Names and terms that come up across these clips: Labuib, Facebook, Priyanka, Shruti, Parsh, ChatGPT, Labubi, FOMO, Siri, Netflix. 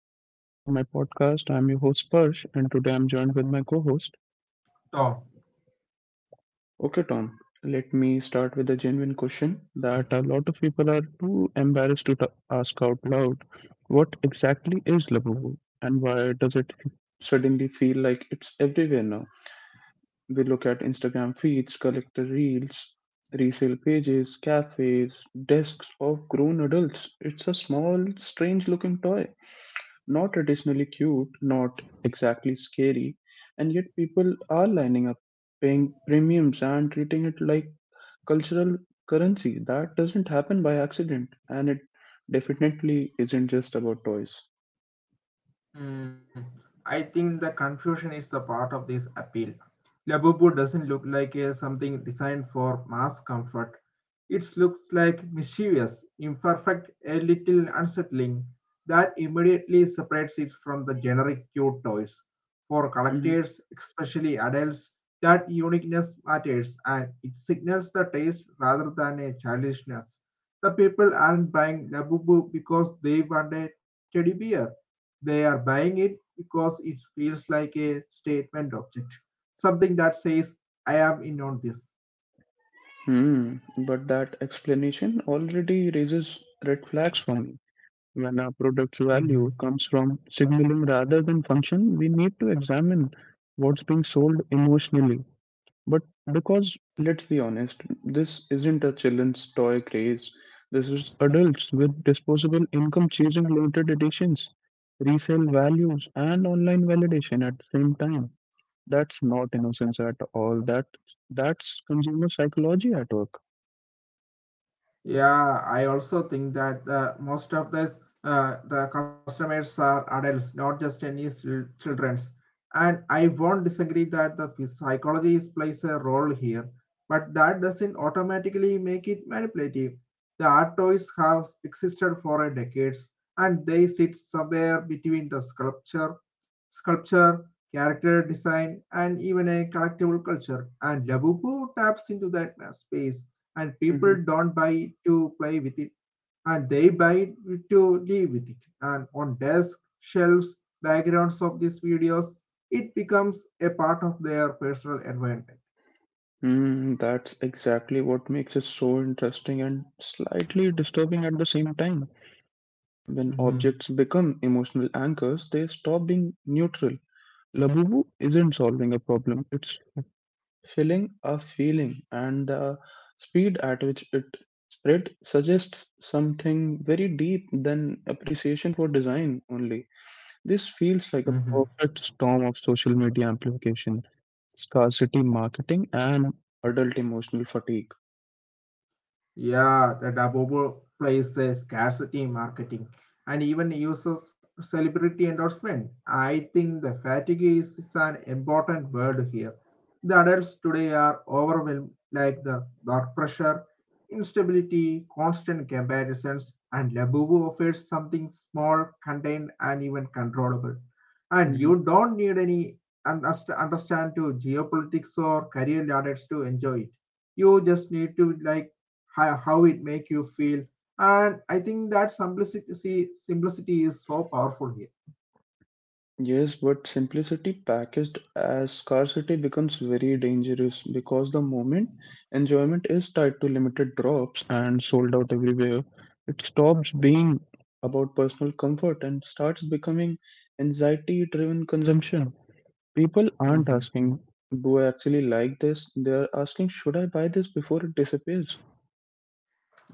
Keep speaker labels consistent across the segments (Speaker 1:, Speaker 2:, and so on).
Speaker 1: welcome back to my podcast. I'm your host Parsh and today I'm joined with my co-host.
Speaker 2: Oh,
Speaker 1: Okay Tom, let me start with a genuine question that a lot of people are too embarrassed to ask out loud. What exactly is Labubu and why does it suddenly feel like it's everywhere now? We look at Instagram feeds, collector reels, resale pages, cafes, desks of grown adults. It's a small, strange looking toy. Not traditionally cute, not exactly scary, and yet people are lining up, paying premiums, and treating it like cultural currency. That doesn't happen by accident, and it definitely isn't just about toys.
Speaker 2: hmm. I think the confusion is the part of this appeal. Labubu doesn't look like a something designed for mass comfort. It looks like mischievous, imperfect, a little unsettling. That immediately separates it from the generic cute toys. For
Speaker 1: Hmm.
Speaker 2: collectors, especially adults, that uniqueness matters and it signals the taste rather than a childishness. The people aren't buying Labubu because they want a teddy bear, they are buying it because it feels like a statement object, something that says I am in on this.
Speaker 1: Hmm. But that explanation already raises red flags for me. When a product's
Speaker 2: Mm-hmm.
Speaker 1: value comes from signaling rather than function, we need to examine what's being sold emotionally. But Because, let's be honest, this isn't a children's toy craze. This is adults with disposable income chasing limited editions, resale values, and online validation at the same time. That's not innocence at all. That's consumer psychology at work.
Speaker 2: Yeah, I also think that most of this the customers are adults, not just any childrens. And I won't disagree that the psychology is- plays a role here, but that doesn't automatically make it manipulative. The art toys have existed for a decades, and they sit somewhere between the sculpture, sculpture, character design, and even a collectible culture. And Labubu taps into that space, and people
Speaker 1: Mhm.
Speaker 2: don't buy to play with it, and they buy to live with it, and on desk shelves, backgrounds of these videos, it becomes a part of their personal environment.
Speaker 1: Mm, that's exactly what makes it so interesting and slightly disturbing at the same time. When
Speaker 2: Mm-hmm.
Speaker 1: objects become emotional anchors, they stop being neutral. Labubu isn't solving a problem, it's filling a feeling, and the speed at which it spread suggests something very deep than appreciation for design only. This feels like a
Speaker 2: Mm-hmm.
Speaker 1: perfect storm of social media amplification, scarcity marketing, and adult emotional fatigue.
Speaker 2: Yeah, the Dabobo plays a scarcity marketing and even uses celebrity endorsement. I think the fatigue is an important word here. The adults today are overwhelmed like the work pressure, instability, constant comparisons, and Labubu offers something small, contained, and even controllable. And
Speaker 1: Mhm.
Speaker 2: you don't need any understand to geopolitics or career ladders to enjoy it, you just need to like how it make you feel, and I think that simplicity is so powerful
Speaker 1: Yes, but simplicity packaged as scarcity becomes very dangerous because the moment enjoyment is tied to limited drops and sold out everywhere, it stops being about personal comfort and starts becoming anxiety driven consumption. People aren't
Speaker 2: here.
Speaker 1: asking, "Do I actually like this?" They are asking, "Should I buy this before it disappears?"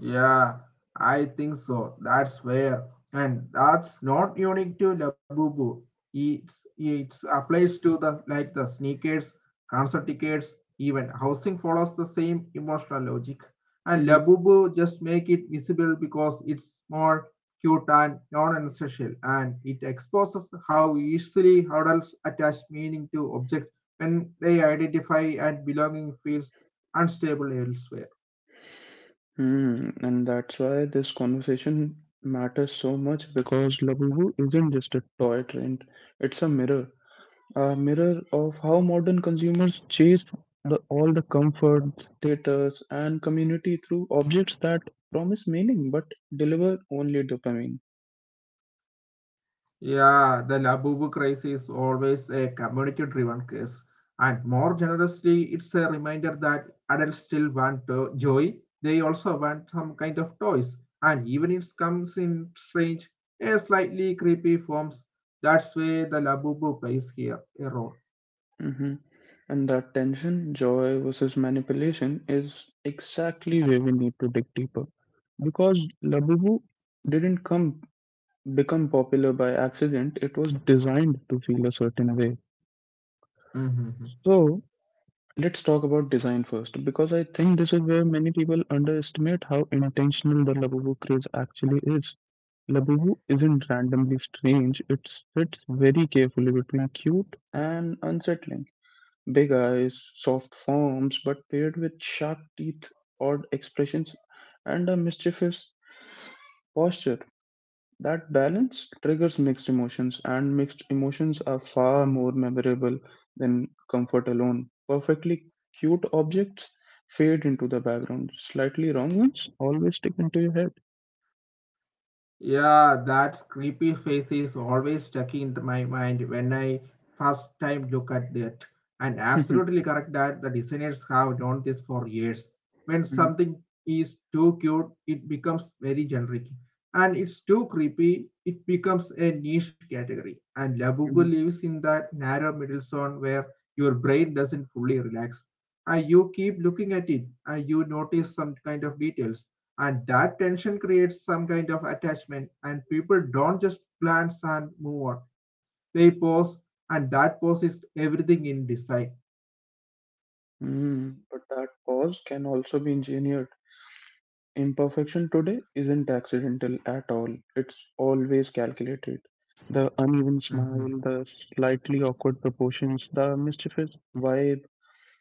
Speaker 2: Yeah, I think so. That's fair. And that's not unique to Labubu. It's it applies to the like the sneakers, concert tickets, even housing follows the same emotional logic. And
Speaker 1: Mhm.
Speaker 2: Labubu just make it visible because it's more cute and non-essential, and it exposes how easily adults attach meaning to objects when they identify and belonging feels unstable elsewhere.
Speaker 1: Mm, and that's why this conversation matters so much because Labubu isn't just a toy trend, it's a mirror. A mirror of how modern consumers chase all the comfort, status, and community through objects that promise meaning but deliver only dopamine.
Speaker 2: Yeah, the Labubu craze is always a community-driven case, and more generously, it's a reminder that adults still want joy. They also want some kind of toys, and even it comes in strange, a slightly creepy forms. That's where the Labubu plays here a role.
Speaker 1: Hmm. And that tension, joy versus manipulation, is exactly where we need to dig deeper. Because Labubu didn't come become popular by accident, it was designed to feel a certain way.
Speaker 2: Mhm.
Speaker 1: So, let's talk about design first because I think this is where many people underestimate how intentional the Labubu craze actually is. Labubu isn't randomly strange, it fits very carefully between cute and unsettling. Big eyes, soft forms, but paired with sharp teeth, odd expressions, and a mischievous posture. That balance triggers mixed emotions, and mixed emotions are far more memorable than comfort alone. Perfectly cute objects fade into the background. Slightly wrong ones always stick into your head.
Speaker 2: Yeah, that creepy face is always stuck in my mind when I first time look at it. And absolutely correct that the designers have known this for years. When
Speaker 1: Mhm,
Speaker 2: something is too cute, it becomes very generic. And it's too creepy, it becomes a niche category. And Labubu
Speaker 1: mhm,
Speaker 2: lives in that narrow middle zone where your brain doesn't fully relax. And you keep looking at it and you notice some kind of details, and that tension creates some kind of attachment, and people don't just glance and move on, they pause, and that pause is everything in design.
Speaker 1: mhm. But that pause can also be engineered. Imperfection today isn't accidental at all, it's always calculated. The uneven smile, the slightly awkward proportions, the mischievous vibe.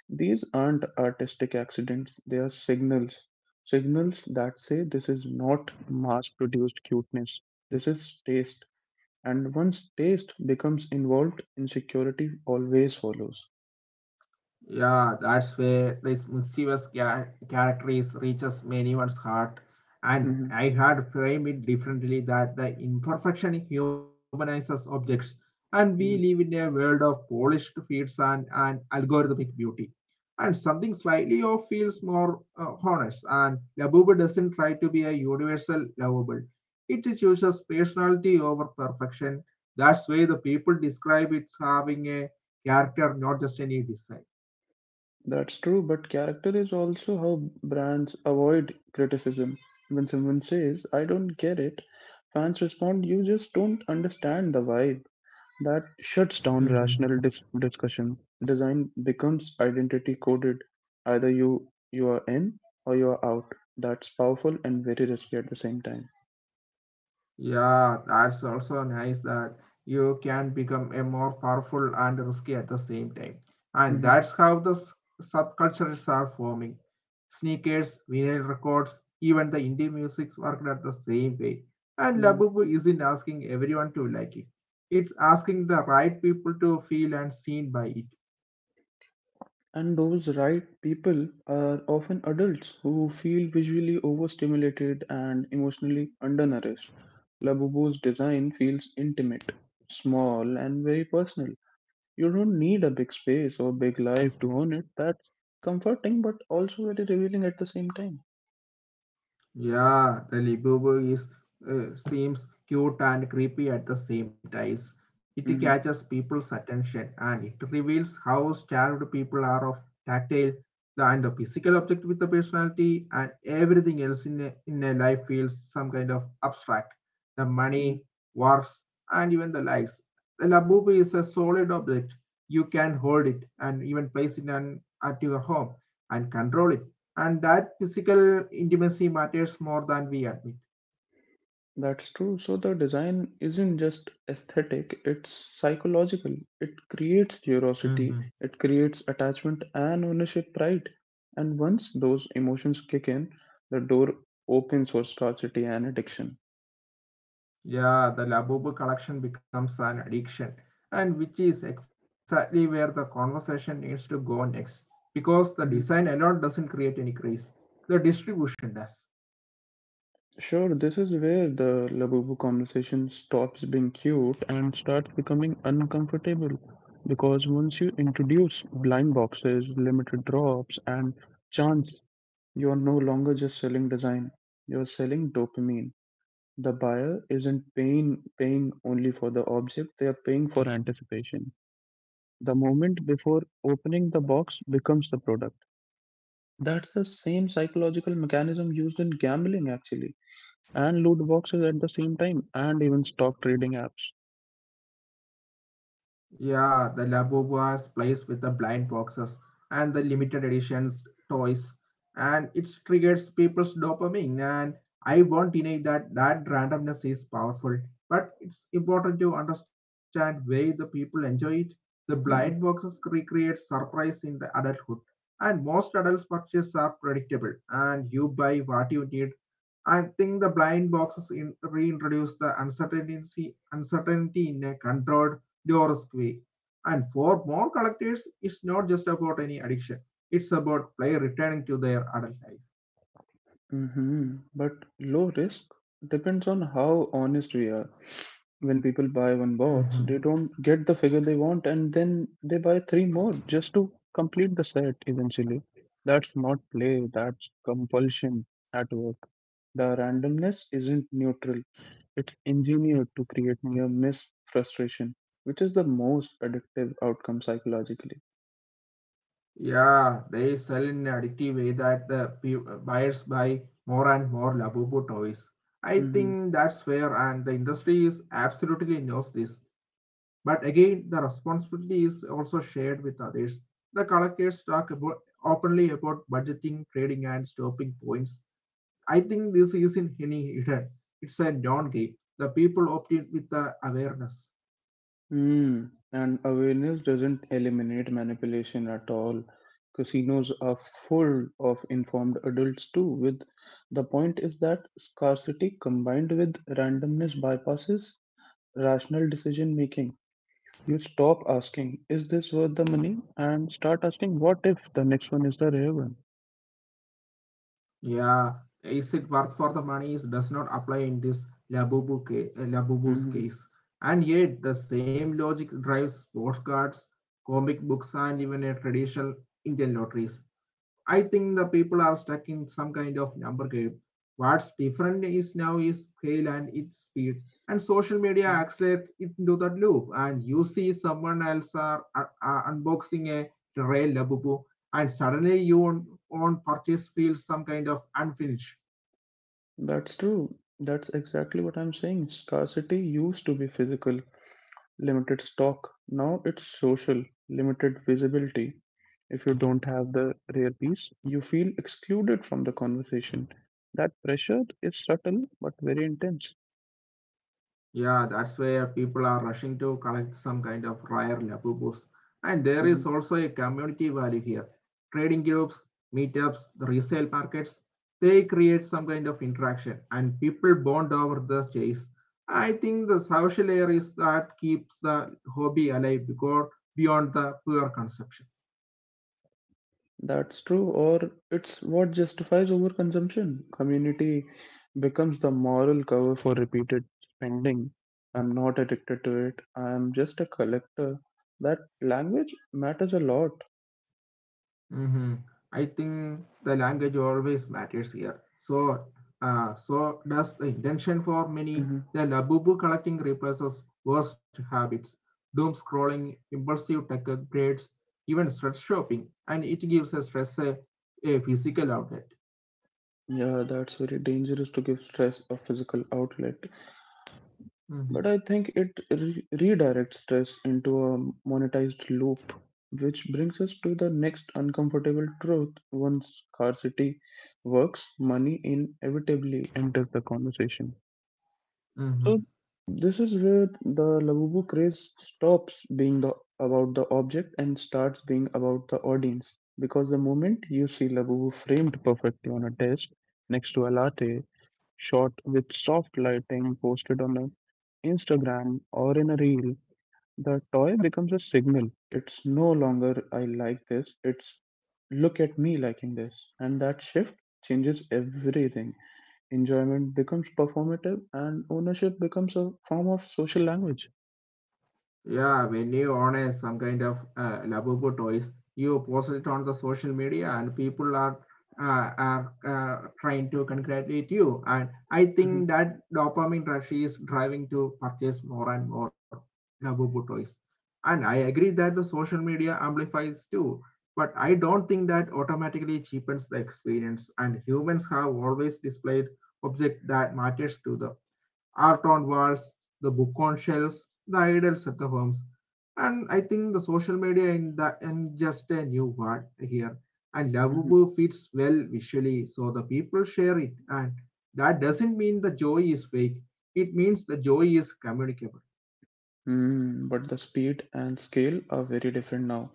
Speaker 1: These aren't artistic accidents, they are signals. Signals that say this is not mass produced cuteness, this is taste. And once taste becomes involved, insecurity always follows.
Speaker 2: Yeah, that's where this mischievous character is reaches many one's heart. And
Speaker 1: Mhm,
Speaker 2: I had framed it differently that the imperfection humanizes objects, and we
Speaker 1: mm.
Speaker 2: live in a world of polished feats and algorithmic beauty. And something slightly off feels more honest, and Labubu doesn't try to be a universal lovable. It chooses personality over perfection. That's why the people describe it having a character, not just any design.
Speaker 1: That's true, but character is also how brands avoid criticism. When someone says, "I don't get it," fans respond, "You just don't understand the vibe." That shuts down
Speaker 2: Mhm.
Speaker 1: rational discussion. Design becomes identity coded. Either you are in or you are out. That's powerful and very risky at the same time.
Speaker 2: Yeah, that's also nice that you can become a more powerful and risky at the same time. And
Speaker 1: Hmm.
Speaker 2: that's how the subcultures are forming. Sneakers, vinyl records, even the indie music's worked at the same way. And
Speaker 1: Hmm.
Speaker 2: Labubu isn't asking everyone to like it. It's asking the right people to feel and seen by it.
Speaker 1: And those right people are often adults who feel visually overstimulated and emotionally undernourished. Labubu's design feels intimate, small, and very personal. You don't need a big space or big life to own it. That's comforting, but also very revealing at the same time.
Speaker 2: Yeah, the Libubu is seems cute and creepy at the same time. It catches
Speaker 1: Mhm,
Speaker 2: people's attention and it reveals how starved people are of tactile the, and the physical object with the personality, and everything else in a life feels some kind of abstract. The
Speaker 1: mhm.
Speaker 2: money, wars, and even the likes. The Labubu is a solid object. You can hold it and even place it on, at your home and control it, and that physical intimacy matters more than we admit.
Speaker 1: That's true. So the design isn't just aesthetic, it's psychological. It creates
Speaker 2: Hmm
Speaker 1: curiosity, it creates attachment and ownership pride. And once those emotions kick in, the door opens for scarcity and addiction.
Speaker 2: Yeah, the Labubu collection becomes an addiction, and which is exactly where the conversation needs to go next, because the design
Speaker 1: Mhm.
Speaker 2: alone doesn't create any craze, the distribution does.
Speaker 1: Sure, this is where the Labubu conversation stops being cute and starts becoming uncomfortable. Because once you introduce blind boxes, limited drops, and chance, you're no longer just selling design, you're selling dopamine. The buyer isn't paying only for the object, they are paying for anticipation. The moment before opening the box becomes the product. That's the same psychological mechanism used in gambling actually, and loot boxes at the same time, and even stock trading apps.
Speaker 2: Yeah, the Labubuas plays with the blind boxes and the
Speaker 1: Mhm.
Speaker 2: limited editions toys, and it triggers people's dopamine. And I won't deny that that randomness is powerful, but it's important to understand why the people enjoy it. The blind boxes recreate surprise in the adulthood, and most adults' purchases are predictable, and you buy what you need. I think the blind boxes in, reintroduce the uncertainty, uncertainty in a controlled, rigorous way. And for more collectors, it's not just about any addiction; it's about play returning to their adult life.
Speaker 1: Hmm. But low risk depends on how honest we are. When people buy one box, they don't
Speaker 2: Mm-hmm.
Speaker 1: get the figure they want, and then they buy three more just to complete the set eventually. That's not play, that's compulsion at work. The randomness isn't neutral, it's engineered to create near miss frustration, which is the most addictive outcome psychologically.
Speaker 2: Yeah, they sell in an addictive way that the buyers buy more and more Labubu toys. I
Speaker 1: Mm-hmm.
Speaker 2: think that's fair, and the industry is absolutely knows this. But again, the responsibility is also shared with others. The collectors talk about openly about budgeting, trading, and stopping points. I think this isn't any hidden. It's a non-game. The people opt in with the awareness.
Speaker 1: Mm, and awareness doesn't eliminate manipulation at all. Casinos are full of informed adults too. With The point is that scarcity combined with randomness bypasses rational decision making. You stop asking, "Is this worth the money?" and start asking, "What if the next one is the rare one?"
Speaker 2: Yeah, is it worth for the money is does not apply in this Labubu Labubu's
Speaker 1: Mhm.
Speaker 2: case. And yet the same logic drives sports cards, comic books and even a traditional Indian lotteries. I think the people are stuck in some kind of number game. What's different is now is scale and its speed. And social media
Speaker 1: Mhm.
Speaker 2: accelerates it into that loop. And you see someone else are unboxing a Rail Labubu, and suddenly you own, own purchase feels some kind of unfinished.
Speaker 1: That's true. That's exactly what I'm saying. Scarcity used to be physical, limited stock. Now it's social, limited visibility. If you don't have the rare piece, you feel excluded from the conversation. That pressure is subtle but very intense.
Speaker 2: Yeah, that's where people are rushing to collect some kind of rare labubus. And there
Speaker 1: Hmm.
Speaker 2: is also a community value here. Trading groups, meetups, the resale markets, they create some kind of interaction and people bond over the chase. I think the social air is that keeps the hobby alive because beyond the pure consumption.
Speaker 1: That's true, or it's what justifies overconsumption. Community becomes the moral cover for repeated spending. I'm not addicted to it, I'm just a collector. That language matters a lot.
Speaker 2: Mm-hmm. I think the language always matters here. So, so does the intention for many.
Speaker 1: Mm-hmm.
Speaker 2: The Labubu collecting replaces worst habits, doom scrolling, impulsive tech upgrades, even stress shopping, and it gives us stress a physical outlet.
Speaker 1: Yeah, that's very dangerous to give stress a physical outlet, but
Speaker 2: Mm-hmm.
Speaker 1: I think it redirects stress into a monetized loop, which brings us to the next uncomfortable truth. Once scarcity works, money inevitably enters the conversation.
Speaker 2: Mm-hmm.
Speaker 1: So this is where the Labubu craze stops being the about the object and starts being about the audience. Because the moment you see Labubu framed perfectly on a desk next to a latte shot with soft lighting posted on a Instagram or in a reel, the toy becomes a signal. It's no longer "I like this," it's "look at me liking this." And that shift changes everything. Enjoyment becomes performative and ownership becomes a form of social language.
Speaker 2: Yeah, when you own a some kind of Labubu toys, you post it on the social media, and people are trying to congratulate you. And I
Speaker 1: Mhm.
Speaker 2: think that dopamine rush is driving to purchase more and more Labubu toys. And I agree that the social media amplifies too, but I don't think that automatically cheapens the experience. And humans have always displayed object that matters to the art on walls, the book on shelves, the idols at the homes. And I think the social media in the in just a new word here. And
Speaker 1: Mhm.
Speaker 2: Labubu fits well visually, so the people share it. And that doesn't mean the joy is fake. It means the joy is communicable.
Speaker 1: Mm, but the speed and scale are very different now.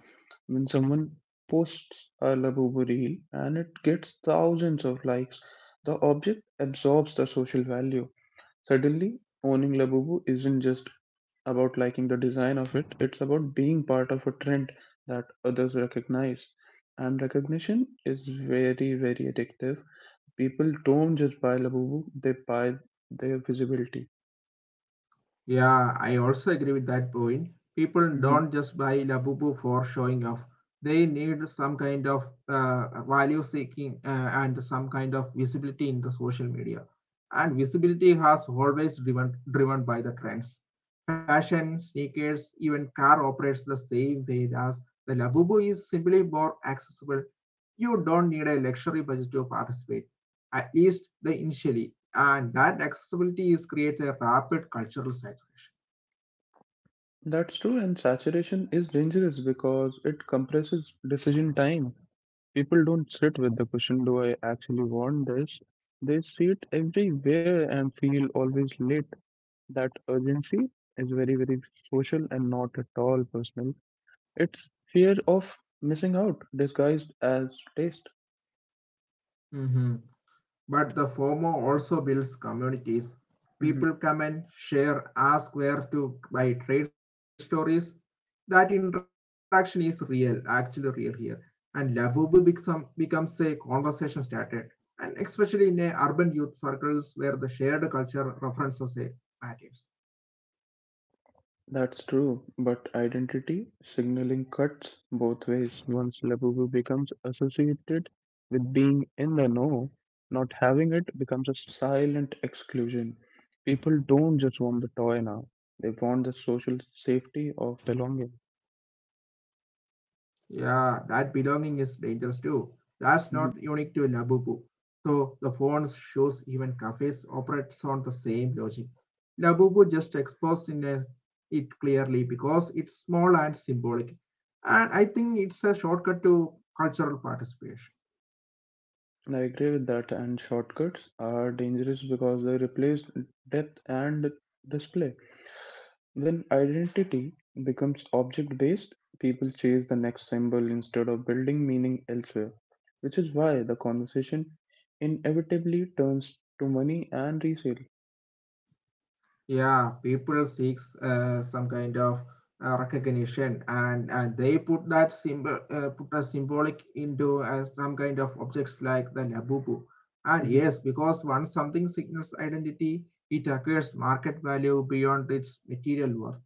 Speaker 1: When someone posts a Labubu reel and it gets thousands of likes, the object absorbs the social value. Suddenly, owning Labubu isn't just about liking the design of it, it's about being part of a trend that others recognize. And recognition is very, very addictive. People don't just buy Labubu, they buy their visibility.
Speaker 2: Yeah, I also agree with that point. People
Speaker 1: Mm-hmm.
Speaker 2: don't just buy Labubu for showing off. They need some kind of value seeking and some kind of visibility in the social media. And visibility has always driven by the trends. Fashion, sneakers, even car operates the same way as the Labubu is simply more accessible. You don't need a luxury budget to participate, at least the initially, and that accessibility is creates a rapid cultural saturation.
Speaker 1: That's true, and saturation is dangerous because it compresses decision time. People don't sit with the question, do I actually want this? They see it everywhere and feel always late. That urgency is very, very social and not at all personal. It's fear of missing out disguised as taste.
Speaker 2: Mm-hmm. But the former also builds communities.
Speaker 1: Mhm.
Speaker 2: People come and share, ask where to buy trade stories. That interaction is real, actually real here. And Labubu become, becomes a conversation started. And especially in a urban youth circles where the shared culture references a matters.
Speaker 1: That's true, but identity signaling cuts both ways. Once Labubu becomes associated with being in the know, not having it becomes a silent exclusion. People don't just want the toy now, they want the social safety of belonging.
Speaker 2: Yeah, that belonging is dangerous too. That's not unique to
Speaker 1: Mhm.
Speaker 2: Labubu. So the phones, shows, even cafes operates on the same logic. Labubu just exposed in a, it clearly because it's small and symbolic. And I think it's a shortcut to cultural participation.
Speaker 1: I agree with that, and shortcuts are dangerous because they replace depth and display. When identity becomes object based, people chase the next symbol instead of building meaning elsewhere, which is why the conversation inevitably turns to money and resale.
Speaker 2: Yeah, people seeks some kind of recognition, and they put that symbol, put a symbolic into some kind of objects like the labubu. And
Speaker 1: Mhm.
Speaker 2: yes, because once something signals identity, it acquires market value beyond its material worth.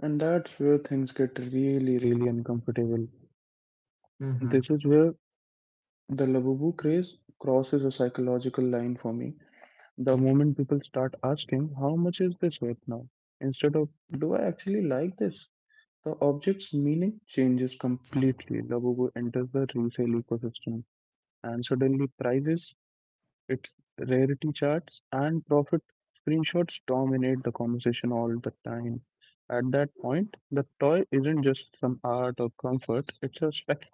Speaker 1: And that's where things get really, really uncomfortable. This is where the Labubu craze crosses a psychological line for me. The moment people start asking, "How much is this worth now?" instead of, "Do I actually like this?" The object's meaning changes completely. Labubu enters the resale ecosystem, and suddenly prices, its rarity charts, and profit screenshots dominate the conversation all the time. At that point, the toy isn't just some art or comfort, it's a spec-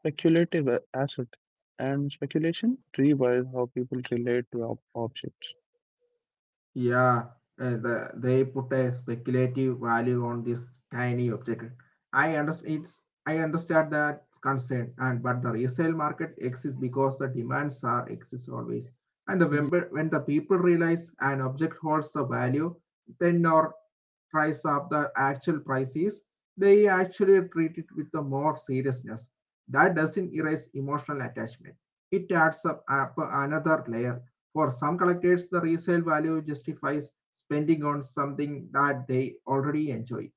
Speaker 1: speculative asset, and speculation rewires how people relate to objects.
Speaker 2: Yeah, the, they put a speculative value on this tiny object. I understand it's I understand that concern, and but the resale market exists because the demands are exist always. And the when,
Speaker 1: Mhm,
Speaker 2: when the people realize an object holds a value, then or price of the actual price is, they actually treat it with the more seriousness. That doesn't erase emotional attachment. It adds up another layer for some collectors, the resale value justifies spending on something that they already enjoy.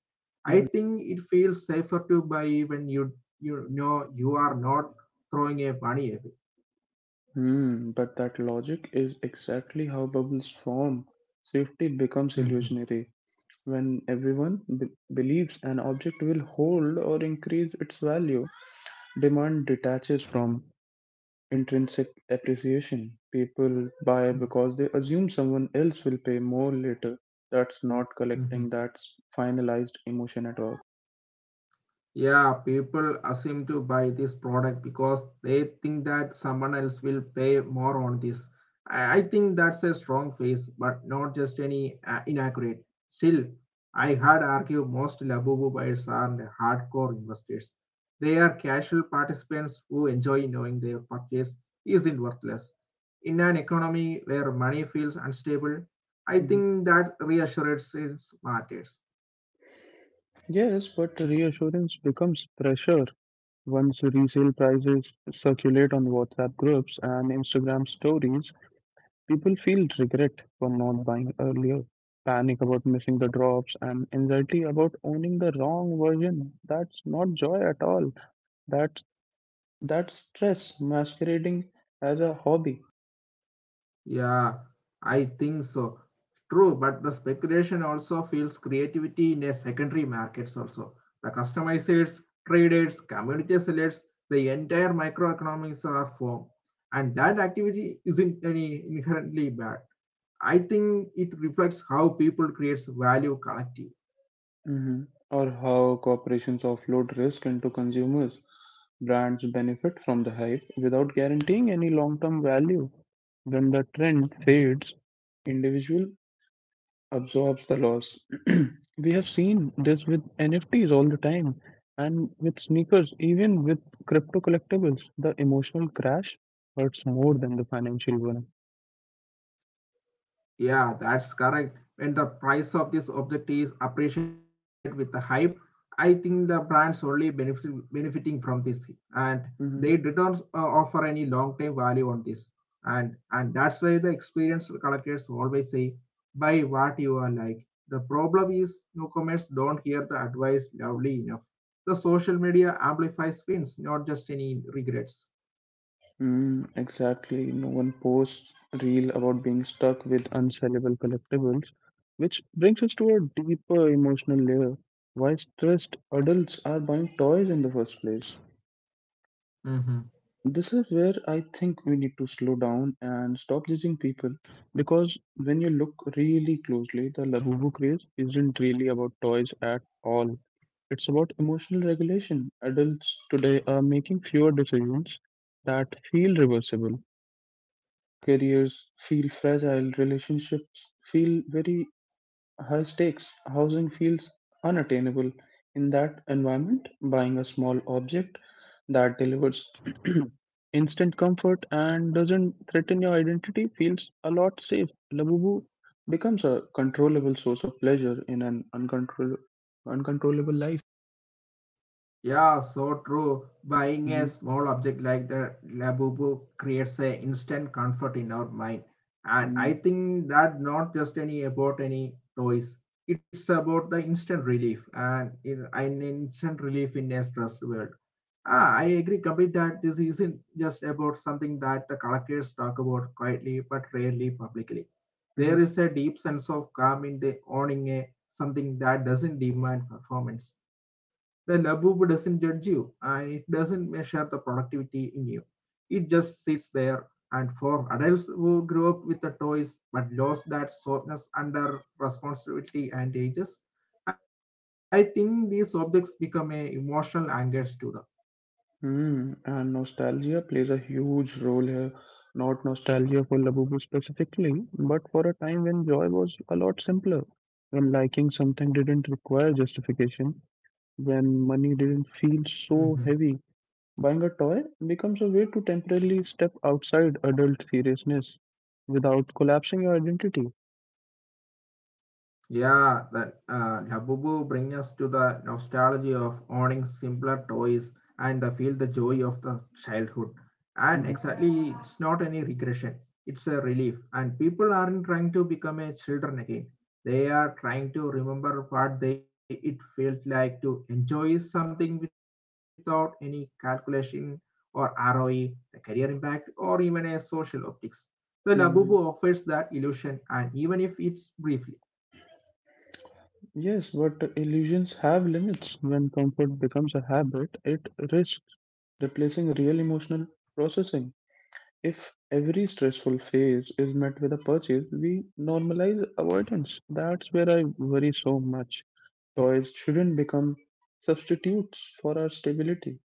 Speaker 2: I
Speaker 1: mhm.
Speaker 2: think it feels safer to buy when you know you are not throwing a money away.
Speaker 1: Hmm, but that logic is exactly how bubbles form. Safety becomes
Speaker 2: Mhm.
Speaker 1: illusionary. When everyone believes an object will hold or increase its value, demand detaches from intrinsic appreciation. People buy because they assume someone else will pay more later. That's not collecting,
Speaker 2: Mhm.
Speaker 1: that's finalized emotion at all.
Speaker 2: Yeah, people assume to buy this product because they think that someone else will pay more on this. I think that's a strong face, but not just any inaccurate. Still, I had argued most Labubu buyers are hardcore investors. They are casual participants who enjoy knowing their purchase isn't worthless. In an economy where money feels unstable, I
Speaker 1: Mhm.
Speaker 2: think that reassurance is matters.
Speaker 1: Yes, but reassurance becomes pressure once resale prices circulate on WhatsApp groups and Instagram stories. People feel regret for not buying earlier, panic about missing the drops, and anxiety about owning the wrong version. That's not joy at all. That's that's stress masquerading as a hobby.
Speaker 2: Yeah, I think so. True, but the speculation also fuels creativity in a secondary markets also. The customizers, traders, community sellers, the entire microeconomics are formed. And that activity isn't any inherently bad. I think it reflects how people creates value collectively.
Speaker 1: Hmm. Or how corporations offload risk into consumers. Brands benefit from the hype without guaranteeing any long term value. When the trend fades, individual absorbs the loss. We have seen this with NFTs all the time and with sneakers, even with crypto collectibles, the emotional crash hurts more than the financial one.
Speaker 2: Yeah, that's correct. When the price of this object is appreciated with the hype, I think the brands only benefit, benefiting from this, and
Speaker 1: Hmm.
Speaker 2: they did not offer any long-term value on this. And that's why the experienced collectors always say, buy what you are like. The problem is newcomers don't hear the advice loudly enough. The social media amplifies wins, not just any regrets.
Speaker 1: Mm, exactly. No one posts reel about being stuck with unsellable collectibles, which brings us to a deeper emotional layer. Why stressed adults are buying toys in the first place? This is where I think we need to slow down and stop judging people because when you look really closely, the Labubu craze isn't really about toys at all. It's about emotional regulation. Adults today are making fewer decisions that feel reversible. Careers feel fragile, relationships feel very high stakes, housing feels unattainable. In that environment, buying a small object that delivers instant comfort and doesn't threaten your identity feels a lot safe. Labubu becomes a controllable source of pleasure in an uncontrollable life.
Speaker 2: Yeah, so true. Buying a
Speaker 1: Mm-hmm.
Speaker 2: small object like the Labubu creates a instant comfort in our mind. And I
Speaker 1: Mm-hmm.
Speaker 2: think that not just any about any toys. It's about the instant relief and an instant relief in a stressed world. Ah, I agree complete that this isn't just about something that the collectors talk about quietly but rarely publicly.
Speaker 1: Mm-hmm.
Speaker 2: There is a deep sense of calm in the owning a something that doesn't demand performance. The laboob doesn't judge you and it doesn't measure the productivity in you. It just sits there. And for adults who grew up with the toys but lost that softness under responsibility and ages, I think these objects become a emotional anchors to
Speaker 1: Mm, and nostalgia plays a huge role here. Not nostalgia for Labubu specifically, but for a time when joy was a lot simpler, when liking something didn't require justification, when money didn't feel
Speaker 2: them.
Speaker 1: so heavy. Buying a toy becomes a way to temporarily step outside adult seriousness without collapsing your identity.
Speaker 2: Yeah, that Labubu bring us to the nostalgia of owning simpler toys and the feel the joy of the childhood. And
Speaker 1: hmm
Speaker 2: exactly, it's not any regression; it's a relief. And people aren't trying to become a children again. They are trying to remember what they it felt like to enjoy something without any calculation or ROE, the career impact, or even a social optics. The Labubu offers
Speaker 1: hmm
Speaker 2: that illusion, and even if it's briefly.
Speaker 1: Yes, but illusions have limits. When comfort becomes a habit, it risks replacing real emotional processing. If every stressful phase is met with a purchase, we normalize avoidance. That's where I worry so much. Toys shouldn't become substitutes for our stability.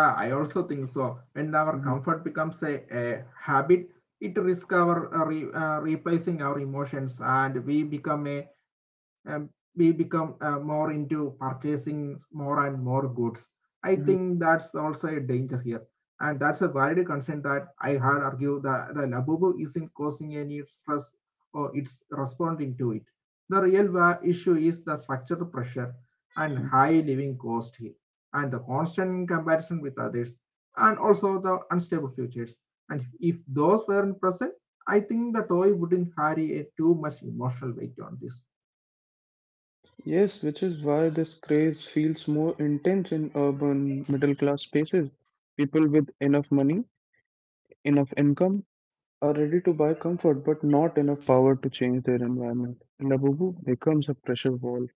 Speaker 2: Yeah, I also think so.
Speaker 1: Mhm,
Speaker 2: When our comfort becomes a habit, it risks our replacing our emotions, and we become a um, we become more into purchasing more and more goods. I
Speaker 1: mhm,
Speaker 2: think that's also a danger here, and that's a valid concern that I had argue that the labubu isn't causing any stress or it's responding to it. The real issue is the structural pressure and
Speaker 1: mhm.
Speaker 2: high living cost here and the constant comparison with others and also the unstable futures. And if those weren't present, I think the toy wouldn't carry a too much emotional weight on this.
Speaker 1: Yes, which is why this craze feels more intense in urban middle class spaces. People with enough money, enough income, are ready to buy comfort but not enough power to change their environment. And Abubu becomes a pressure wall.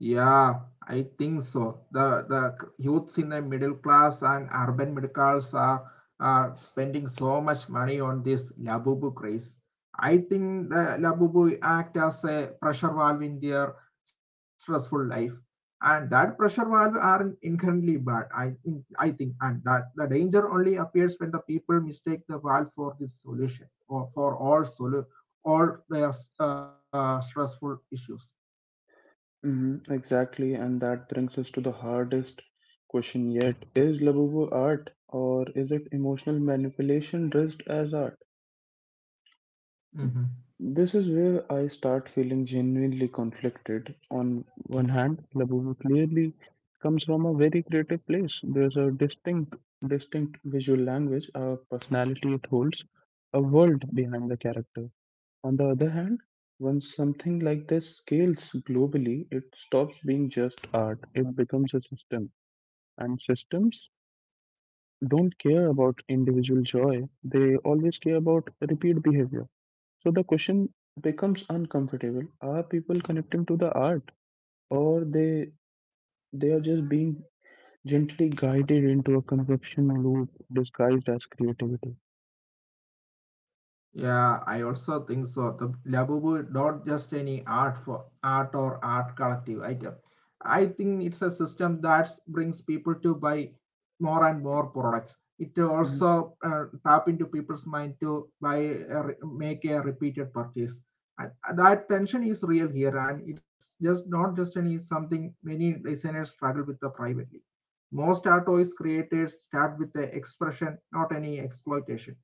Speaker 2: Yeah, I think so. The youths in the middle class and urban middle class are spending so much money on this Labubu craze. I think the Labubu act as a pressure valve in their stressful life, and that pressure valve are inherently bad. I think, and that the danger only appears when the people mistake the valve for this solution or for all their stressful issues.
Speaker 1: Exactly, and that brings us to the hardest question yet. Is Labubu art or is it emotional manipulation dressed as art?
Speaker 2: Mhm.
Speaker 1: This is where I start feeling genuinely conflicted. On one hand, Labubu clearly comes from a very creative place. There's a distinct visual language, a personality it holds, a world behind the character. On the other hand, once something like this scales globally, it stops being just art. It becomes a system. And systems don't care about individual joy, they always care about repeat behavior. So the question becomes uncomfortable. Are people connecting to the art, or they are just being gently guided into a consumption loop disguised as creativity?
Speaker 2: Yeah, I also think so. The Labubu not just any art for art or art collective item. I think it's a system that brings people to buy more and more products. It
Speaker 1: Mhm.
Speaker 2: also tap into people's mind to buy make a repeated purchase. And that tension is real here, and it's just not just any something many designers struggle with the privately. Most art toys created start with the expression, not any exploitation.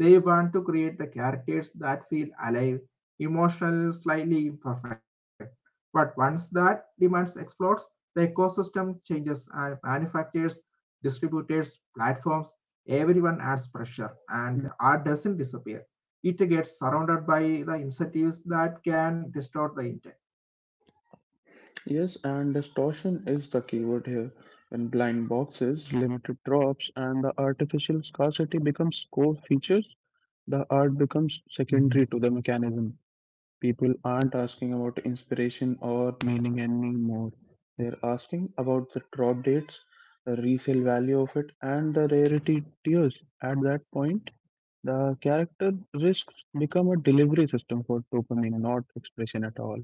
Speaker 2: They want to create the characters that feel alive, emotional, slightly imperfect. But once that demands explodes, the ecosystem changes and manufacturers, distributors, platforms, everyone adds pressure and the art doesn't disappear. It gets surrounded by the incentives that can distort the intent.
Speaker 1: Yes, and distortion is the keyword here. When blind boxes, limited drops, and the artificial scarcity becomes core features, the art becomes
Speaker 2: Mm-hmm.
Speaker 1: secondary to the mechanism. People aren't asking about inspiration or meaning anymore. They're asking about the drop dates, the resale value of it, and the rarity tiers. At that point, the character risks become a delivery system for dopamine, not expression at all.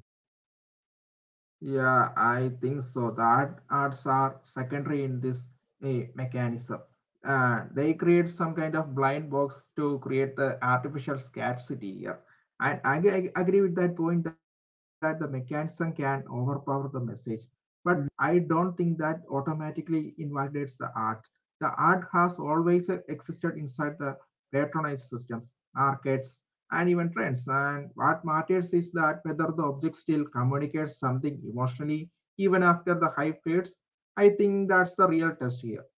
Speaker 2: Yeah, I think so. Arts are secondary in this mechanism. They create some kind of blind box to create the artificial scarcity here. And agree with that point that the mechanism can overpower the message. But I don't think that automatically invalidates the art. The art has always existed inside the patronage systems, markets, and even trends. And what matters is that whether the object still communicates something emotionally even after the hype fades. I think that's the real test here.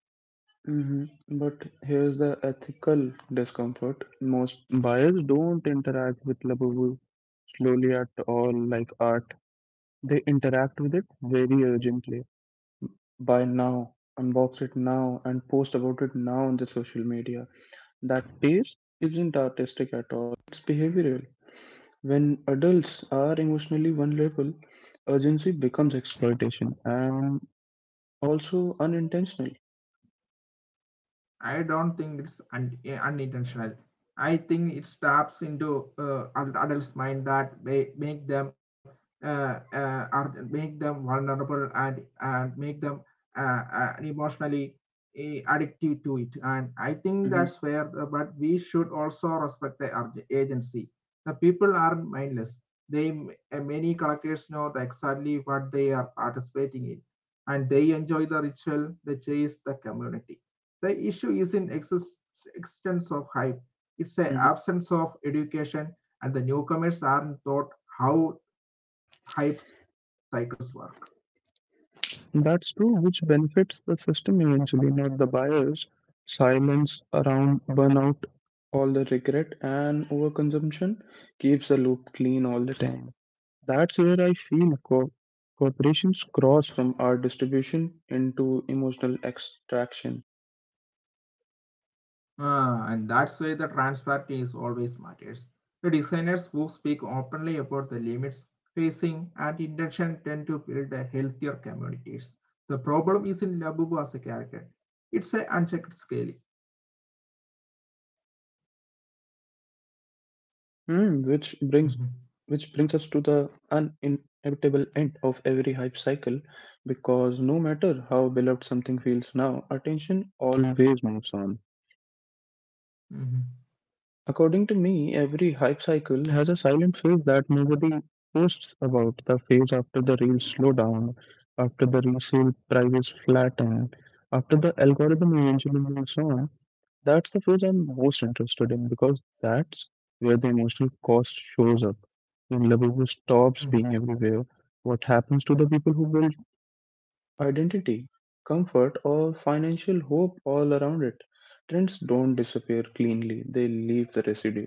Speaker 1: Mhm. But here's the ethical discomfort. Most buyers don't interact with Labubu slowly at all like art. They interact with it very urgently. Buy now, unbox it now, and post about it now on the social media. That pace isn't artistic at all. It's behavioral. When adults are emotionally vulnerable, urgency becomes exploitation, and also unintentional.
Speaker 2: I don't think it's unintentional. I think it taps into adults' mind that make them are make them vulnerable and make them emotionally addictive to it. And I think
Speaker 1: Mhm.
Speaker 2: that's where. But we should also respect the agency. The people are mindless. They Many collectors know exactly what they are participating in, and they enjoy the ritual, the chase, the community the issue is in existence of hype, it's the
Speaker 1: Mhm.
Speaker 2: absence of education, and the newcomers aren't taught how hype cycles work.
Speaker 1: That's true, which benefits the system eventually, not the buyers. Silence around burnout, all the regret and overconsumption keeps the loop clean all the time. That's where I feel corporations cross from art distribution into emotional extraction.
Speaker 2: Ah, and that's why the transparency is always matters. The designers who speak openly about the limits, facing, and intention tend to build a healthier communities. The problem isn't Labubu as a character; it's a unchecked scaling.
Speaker 1: Mm, which brings us to
Speaker 2: Mhm,
Speaker 1: the uninevitable end of every hype cycle, because no matter how beloved something feels now, attention always moves on.
Speaker 2: mhm,
Speaker 1: According to me, every hype cycle has a silent phase that nobody posts about, the phase after the reels slow down, after the resale prices flatten, after the algorithm eventually moves on. That's the phase I'm most interested in, because that's where the emotional cost shows up. When Labubu stops
Speaker 2: mhm.
Speaker 1: being everywhere, what happens to the people who build identity, comfort, or financial hope all around it? Trends don't disappear cleanly, they leave the residue.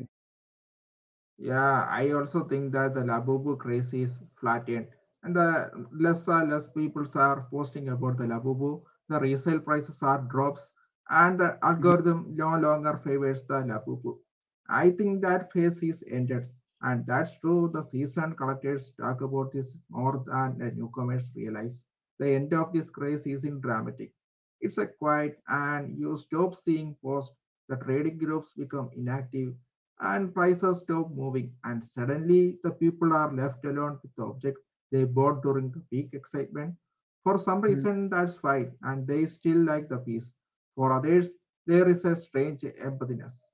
Speaker 2: Yeah, I also think that the Labubu craze is flattened, and the less and less people are posting about the Labubu. The resale prices are drops, and the algorithm no longer favors the Labubu. I think that phase is ended, and that's true. The seasoned collectors talk about this more than the newcomers realize. The end of this craze isn't dramatic. It's a quiet, and you stop seeing posts. The trading groups become inactive and prices stop moving and suddenly the people are left alone with the object they bought during the peak excitement for some
Speaker 1: Mhm.
Speaker 2: reason that's fine and they still like the piece for others there is a strange emptiness.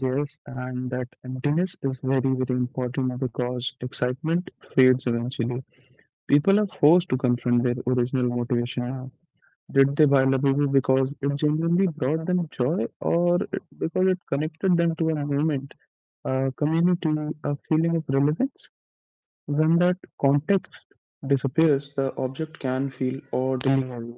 Speaker 1: Yes, and that emptiness is very, very important because excitement fades eventually. People are forced to confront their original motivation now. Did they buy Labubu because it genuinely brought them joy, or because it connected them to a movement, a community, a feeling of relevance? When that context disappears, the object can feel oddly heavy.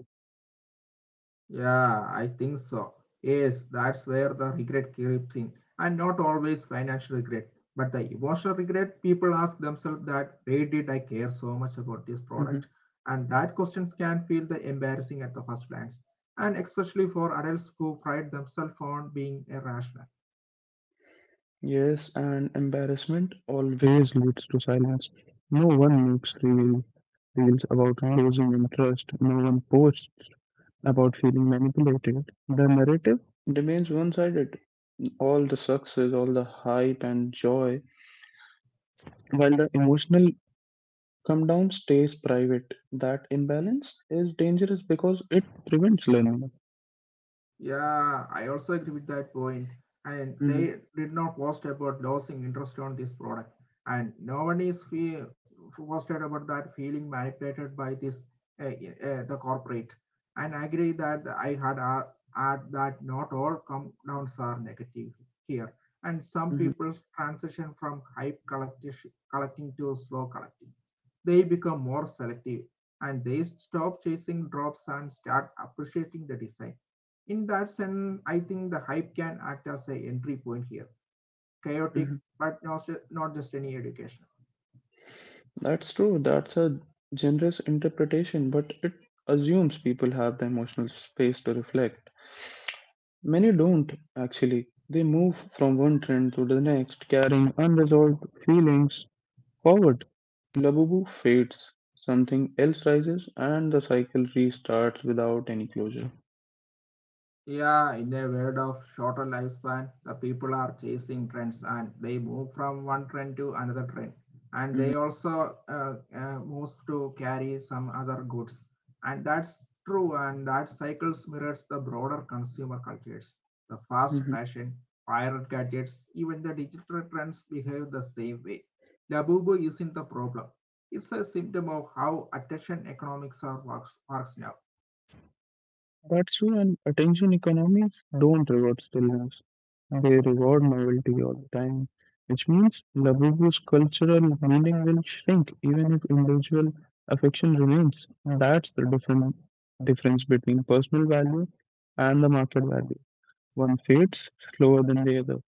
Speaker 2: Yeah, I think so. Yes, that's where the regret creeps in. And not always financial regret, but the emotional regret. People ask themselves that why did I care so much about this product?
Speaker 1: hmm
Speaker 2: And that questions can feel the embarrassing at the first glance. And especially for adults who pride themselves on being irrational.
Speaker 1: Yes, and embarrassment always leads to silence. No one makes real reels about losing interest. No one posts about feeling manipulated. The narrative remains one sided. All the success, all the hype and joy, while the emotional come down stays private. That imbalance is dangerous because it prevents learning.
Speaker 2: Yeah, I also agree with that point. And
Speaker 1: hmm
Speaker 2: they did not post about losing interest on this product. And no one is posted about that feeling manipulated by this uh, the corporate. And I agree that I had add that not all come downs are negative here. And some
Speaker 1: hmm
Speaker 2: people's transition from hype collecting to slow collecting, they become more selective and they stop chasing drops and start appreciating the design in that sense, I think the hype can act as an entry point here.
Speaker 1: hmm
Speaker 2: Chaotic, but not just any education.
Speaker 1: That's true. That's a generous interpretation, but it assumes people have the emotional space to reflect. Many don't, actually. They move from one trend to the next, carrying unresolved feelings forward. Labubu fades, something else rises, and the cycle restarts without any closure.
Speaker 2: Yeah, in a world of shorter lifespan, the people are chasing trends and they move from one trend to another trend. And
Speaker 1: Mhm.
Speaker 2: they also move to carry some other goods. And that's true, and that cycles mirrors the broader consumer cultures. The fast
Speaker 1: Mhm.
Speaker 2: fashion, pirate gadgets, even the digital trends behave the same way. Labubu isn't the problem. It's a symptom of how attention economics works now.
Speaker 1: That's when attention economies don't reward stillness. They reward novelty all the time, which means Labubu's cultural meaning will shrink even if individual affection remains. That's the different difference between personal value and the market value. One fades slower than the other.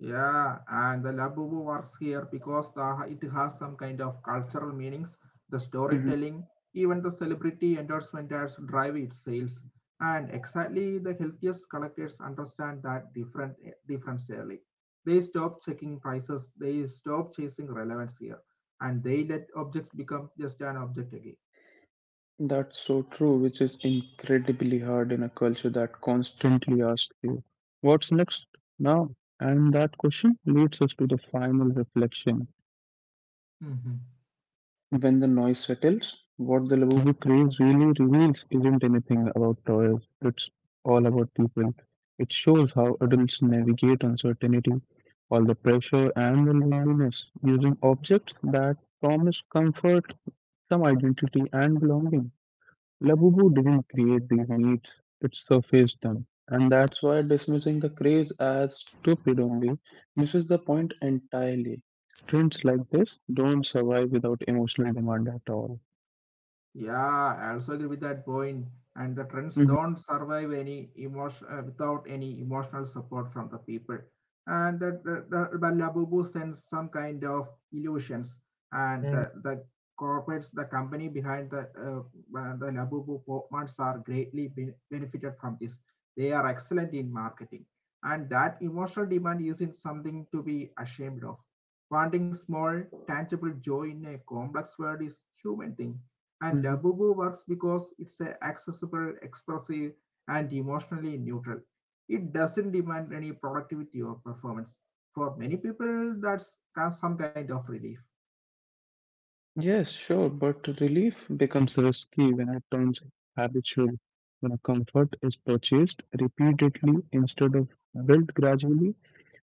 Speaker 2: Yeah, and the Labubu works here because it has some kind of cultural meanings, the storytelling, even the celebrity endorsement ads drive its sales. And exactly the healthiest collectors understand that difference early. They stop checking prices, they stop chasing relevance here, and they let objects become just an object again.
Speaker 1: That's so true, which is incredibly hard in a culture that constantly asks you, what's next now? And that question leads us to the final reflection. When the noise settles, what the Labubu craze really reveals isn't anything about toys, it's all about people. It shows how adults navigate uncertainty, all the pressure and the loneliness, using objects that promise comfort, some identity, and belonging. Labubu didn't create these myths, it surfaced them. And that's why dismissing the craze as stupid only misses the point entirely. Trends like this don't survive without emotional demand at all.
Speaker 2: Yeah, I also agree with that point. And the trends
Speaker 1: Mhm.
Speaker 2: don't survive any emotion without any emotional support from the people. And that the Labubu sends some kind of illusions, and
Speaker 1: Mm.
Speaker 2: the corporates, the company behind the Labubu portmans are greatly benefited from this. They are excellent in marketing, and that emotional demand isn't something to be ashamed of. Wanting small, tangible joy in a complex world is human thing and
Speaker 1: Mhm.
Speaker 2: Labubu works because it's accessible, expressive, and emotionally neutral. It doesn't demand any productivity or performance. For many people, that's some kind of relief.
Speaker 1: Yes, sure, but relief becomes risky when it turns habitual. When comfort is purchased repeatedly instead of built gradually,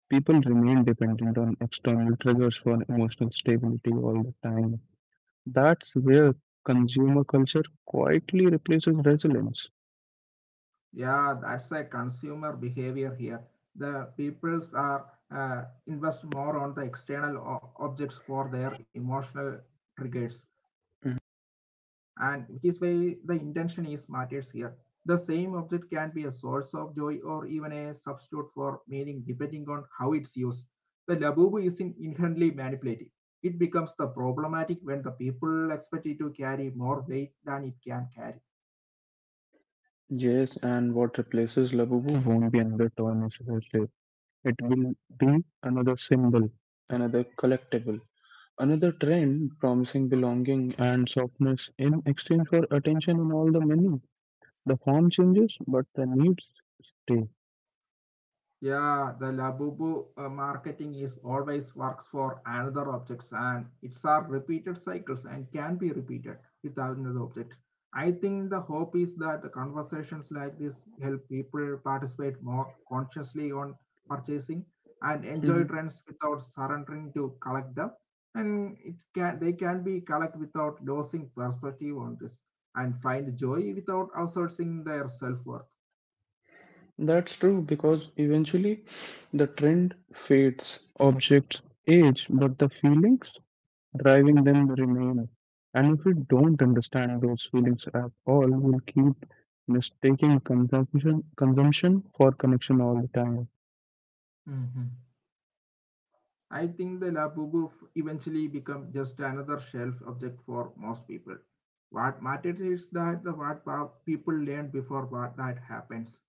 Speaker 1: people remain dependent on external triggers for emotional stability all the time. That's where consumer culture quietly replaces resilience.
Speaker 2: Yeah, that's a consumer behavior here. The peoples are invest more on the external objects for their emotional triggers, and
Speaker 1: Mhm.
Speaker 2: which is why the intention is matters here. The same object can be a source of joy or even a substitute for meaning, depending on how it's used. The labubu is inherently manipulative. It becomes the problematic when the people expect it to carry more weight than it can carry.
Speaker 1: Yes, and what replaces Labubu? Won't be another toy necessarily. It will be another symbol. Another collectible. Another trend promising belonging and softness in exchange for attention in all the many. The form changes, but the needs stay.
Speaker 2: Yeah, the Labubu marketing is always works for another objects and it's are repeated cycles and can be repeated with another object. I think the hope is that the conversations like this help people participate more consciously on purchasing and enjoy
Speaker 1: Mhm.
Speaker 2: trends without surrendering to collect them. And it can they can be collect without losing perspective on this and find joy without outsourcing their self-worth.
Speaker 1: That's true because eventually the trend fades. Objects age, but the feelings driving them remain. And if we don't understand those feelings at all, we'll keep mistaking consumption for connection all the time.
Speaker 2: I think the Labubu eventually become just another shelf object for most people. What matters is that the what people learn before what that happens.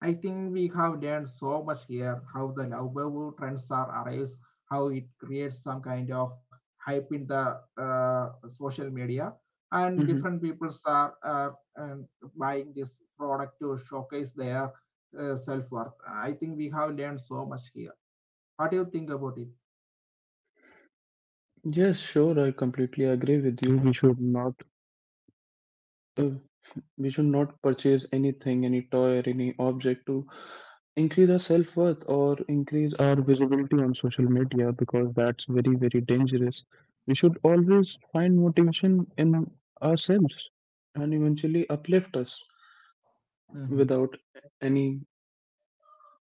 Speaker 2: I think we have learned so much here, how the Labubu trends are arise, how it creates some kind of hype in the social media, and
Speaker 1: hmm
Speaker 2: different people are um, buying this product to showcase their self worth. I think we have learned so much here. What do you think about it?
Speaker 1: Yes, sure, I completely agree with you. Uh, we should not purchase anything, any toy or any object to increase our self-worth or increase our visibility on social media, because that's very very dangerous. We should always find motivation in ourselves and eventually uplift us.
Speaker 2: Mhm.
Speaker 1: Without any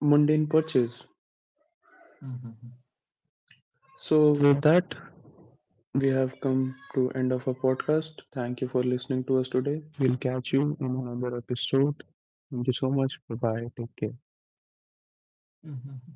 Speaker 1: mundane purchase.
Speaker 2: うん、うん
Speaker 1: So with that, we have come to end of our podcast. Thank you for listening to us today. We'll catch you in another episode. Thank you so much. Bye bye. Take care.
Speaker 2: うん。うん、うん。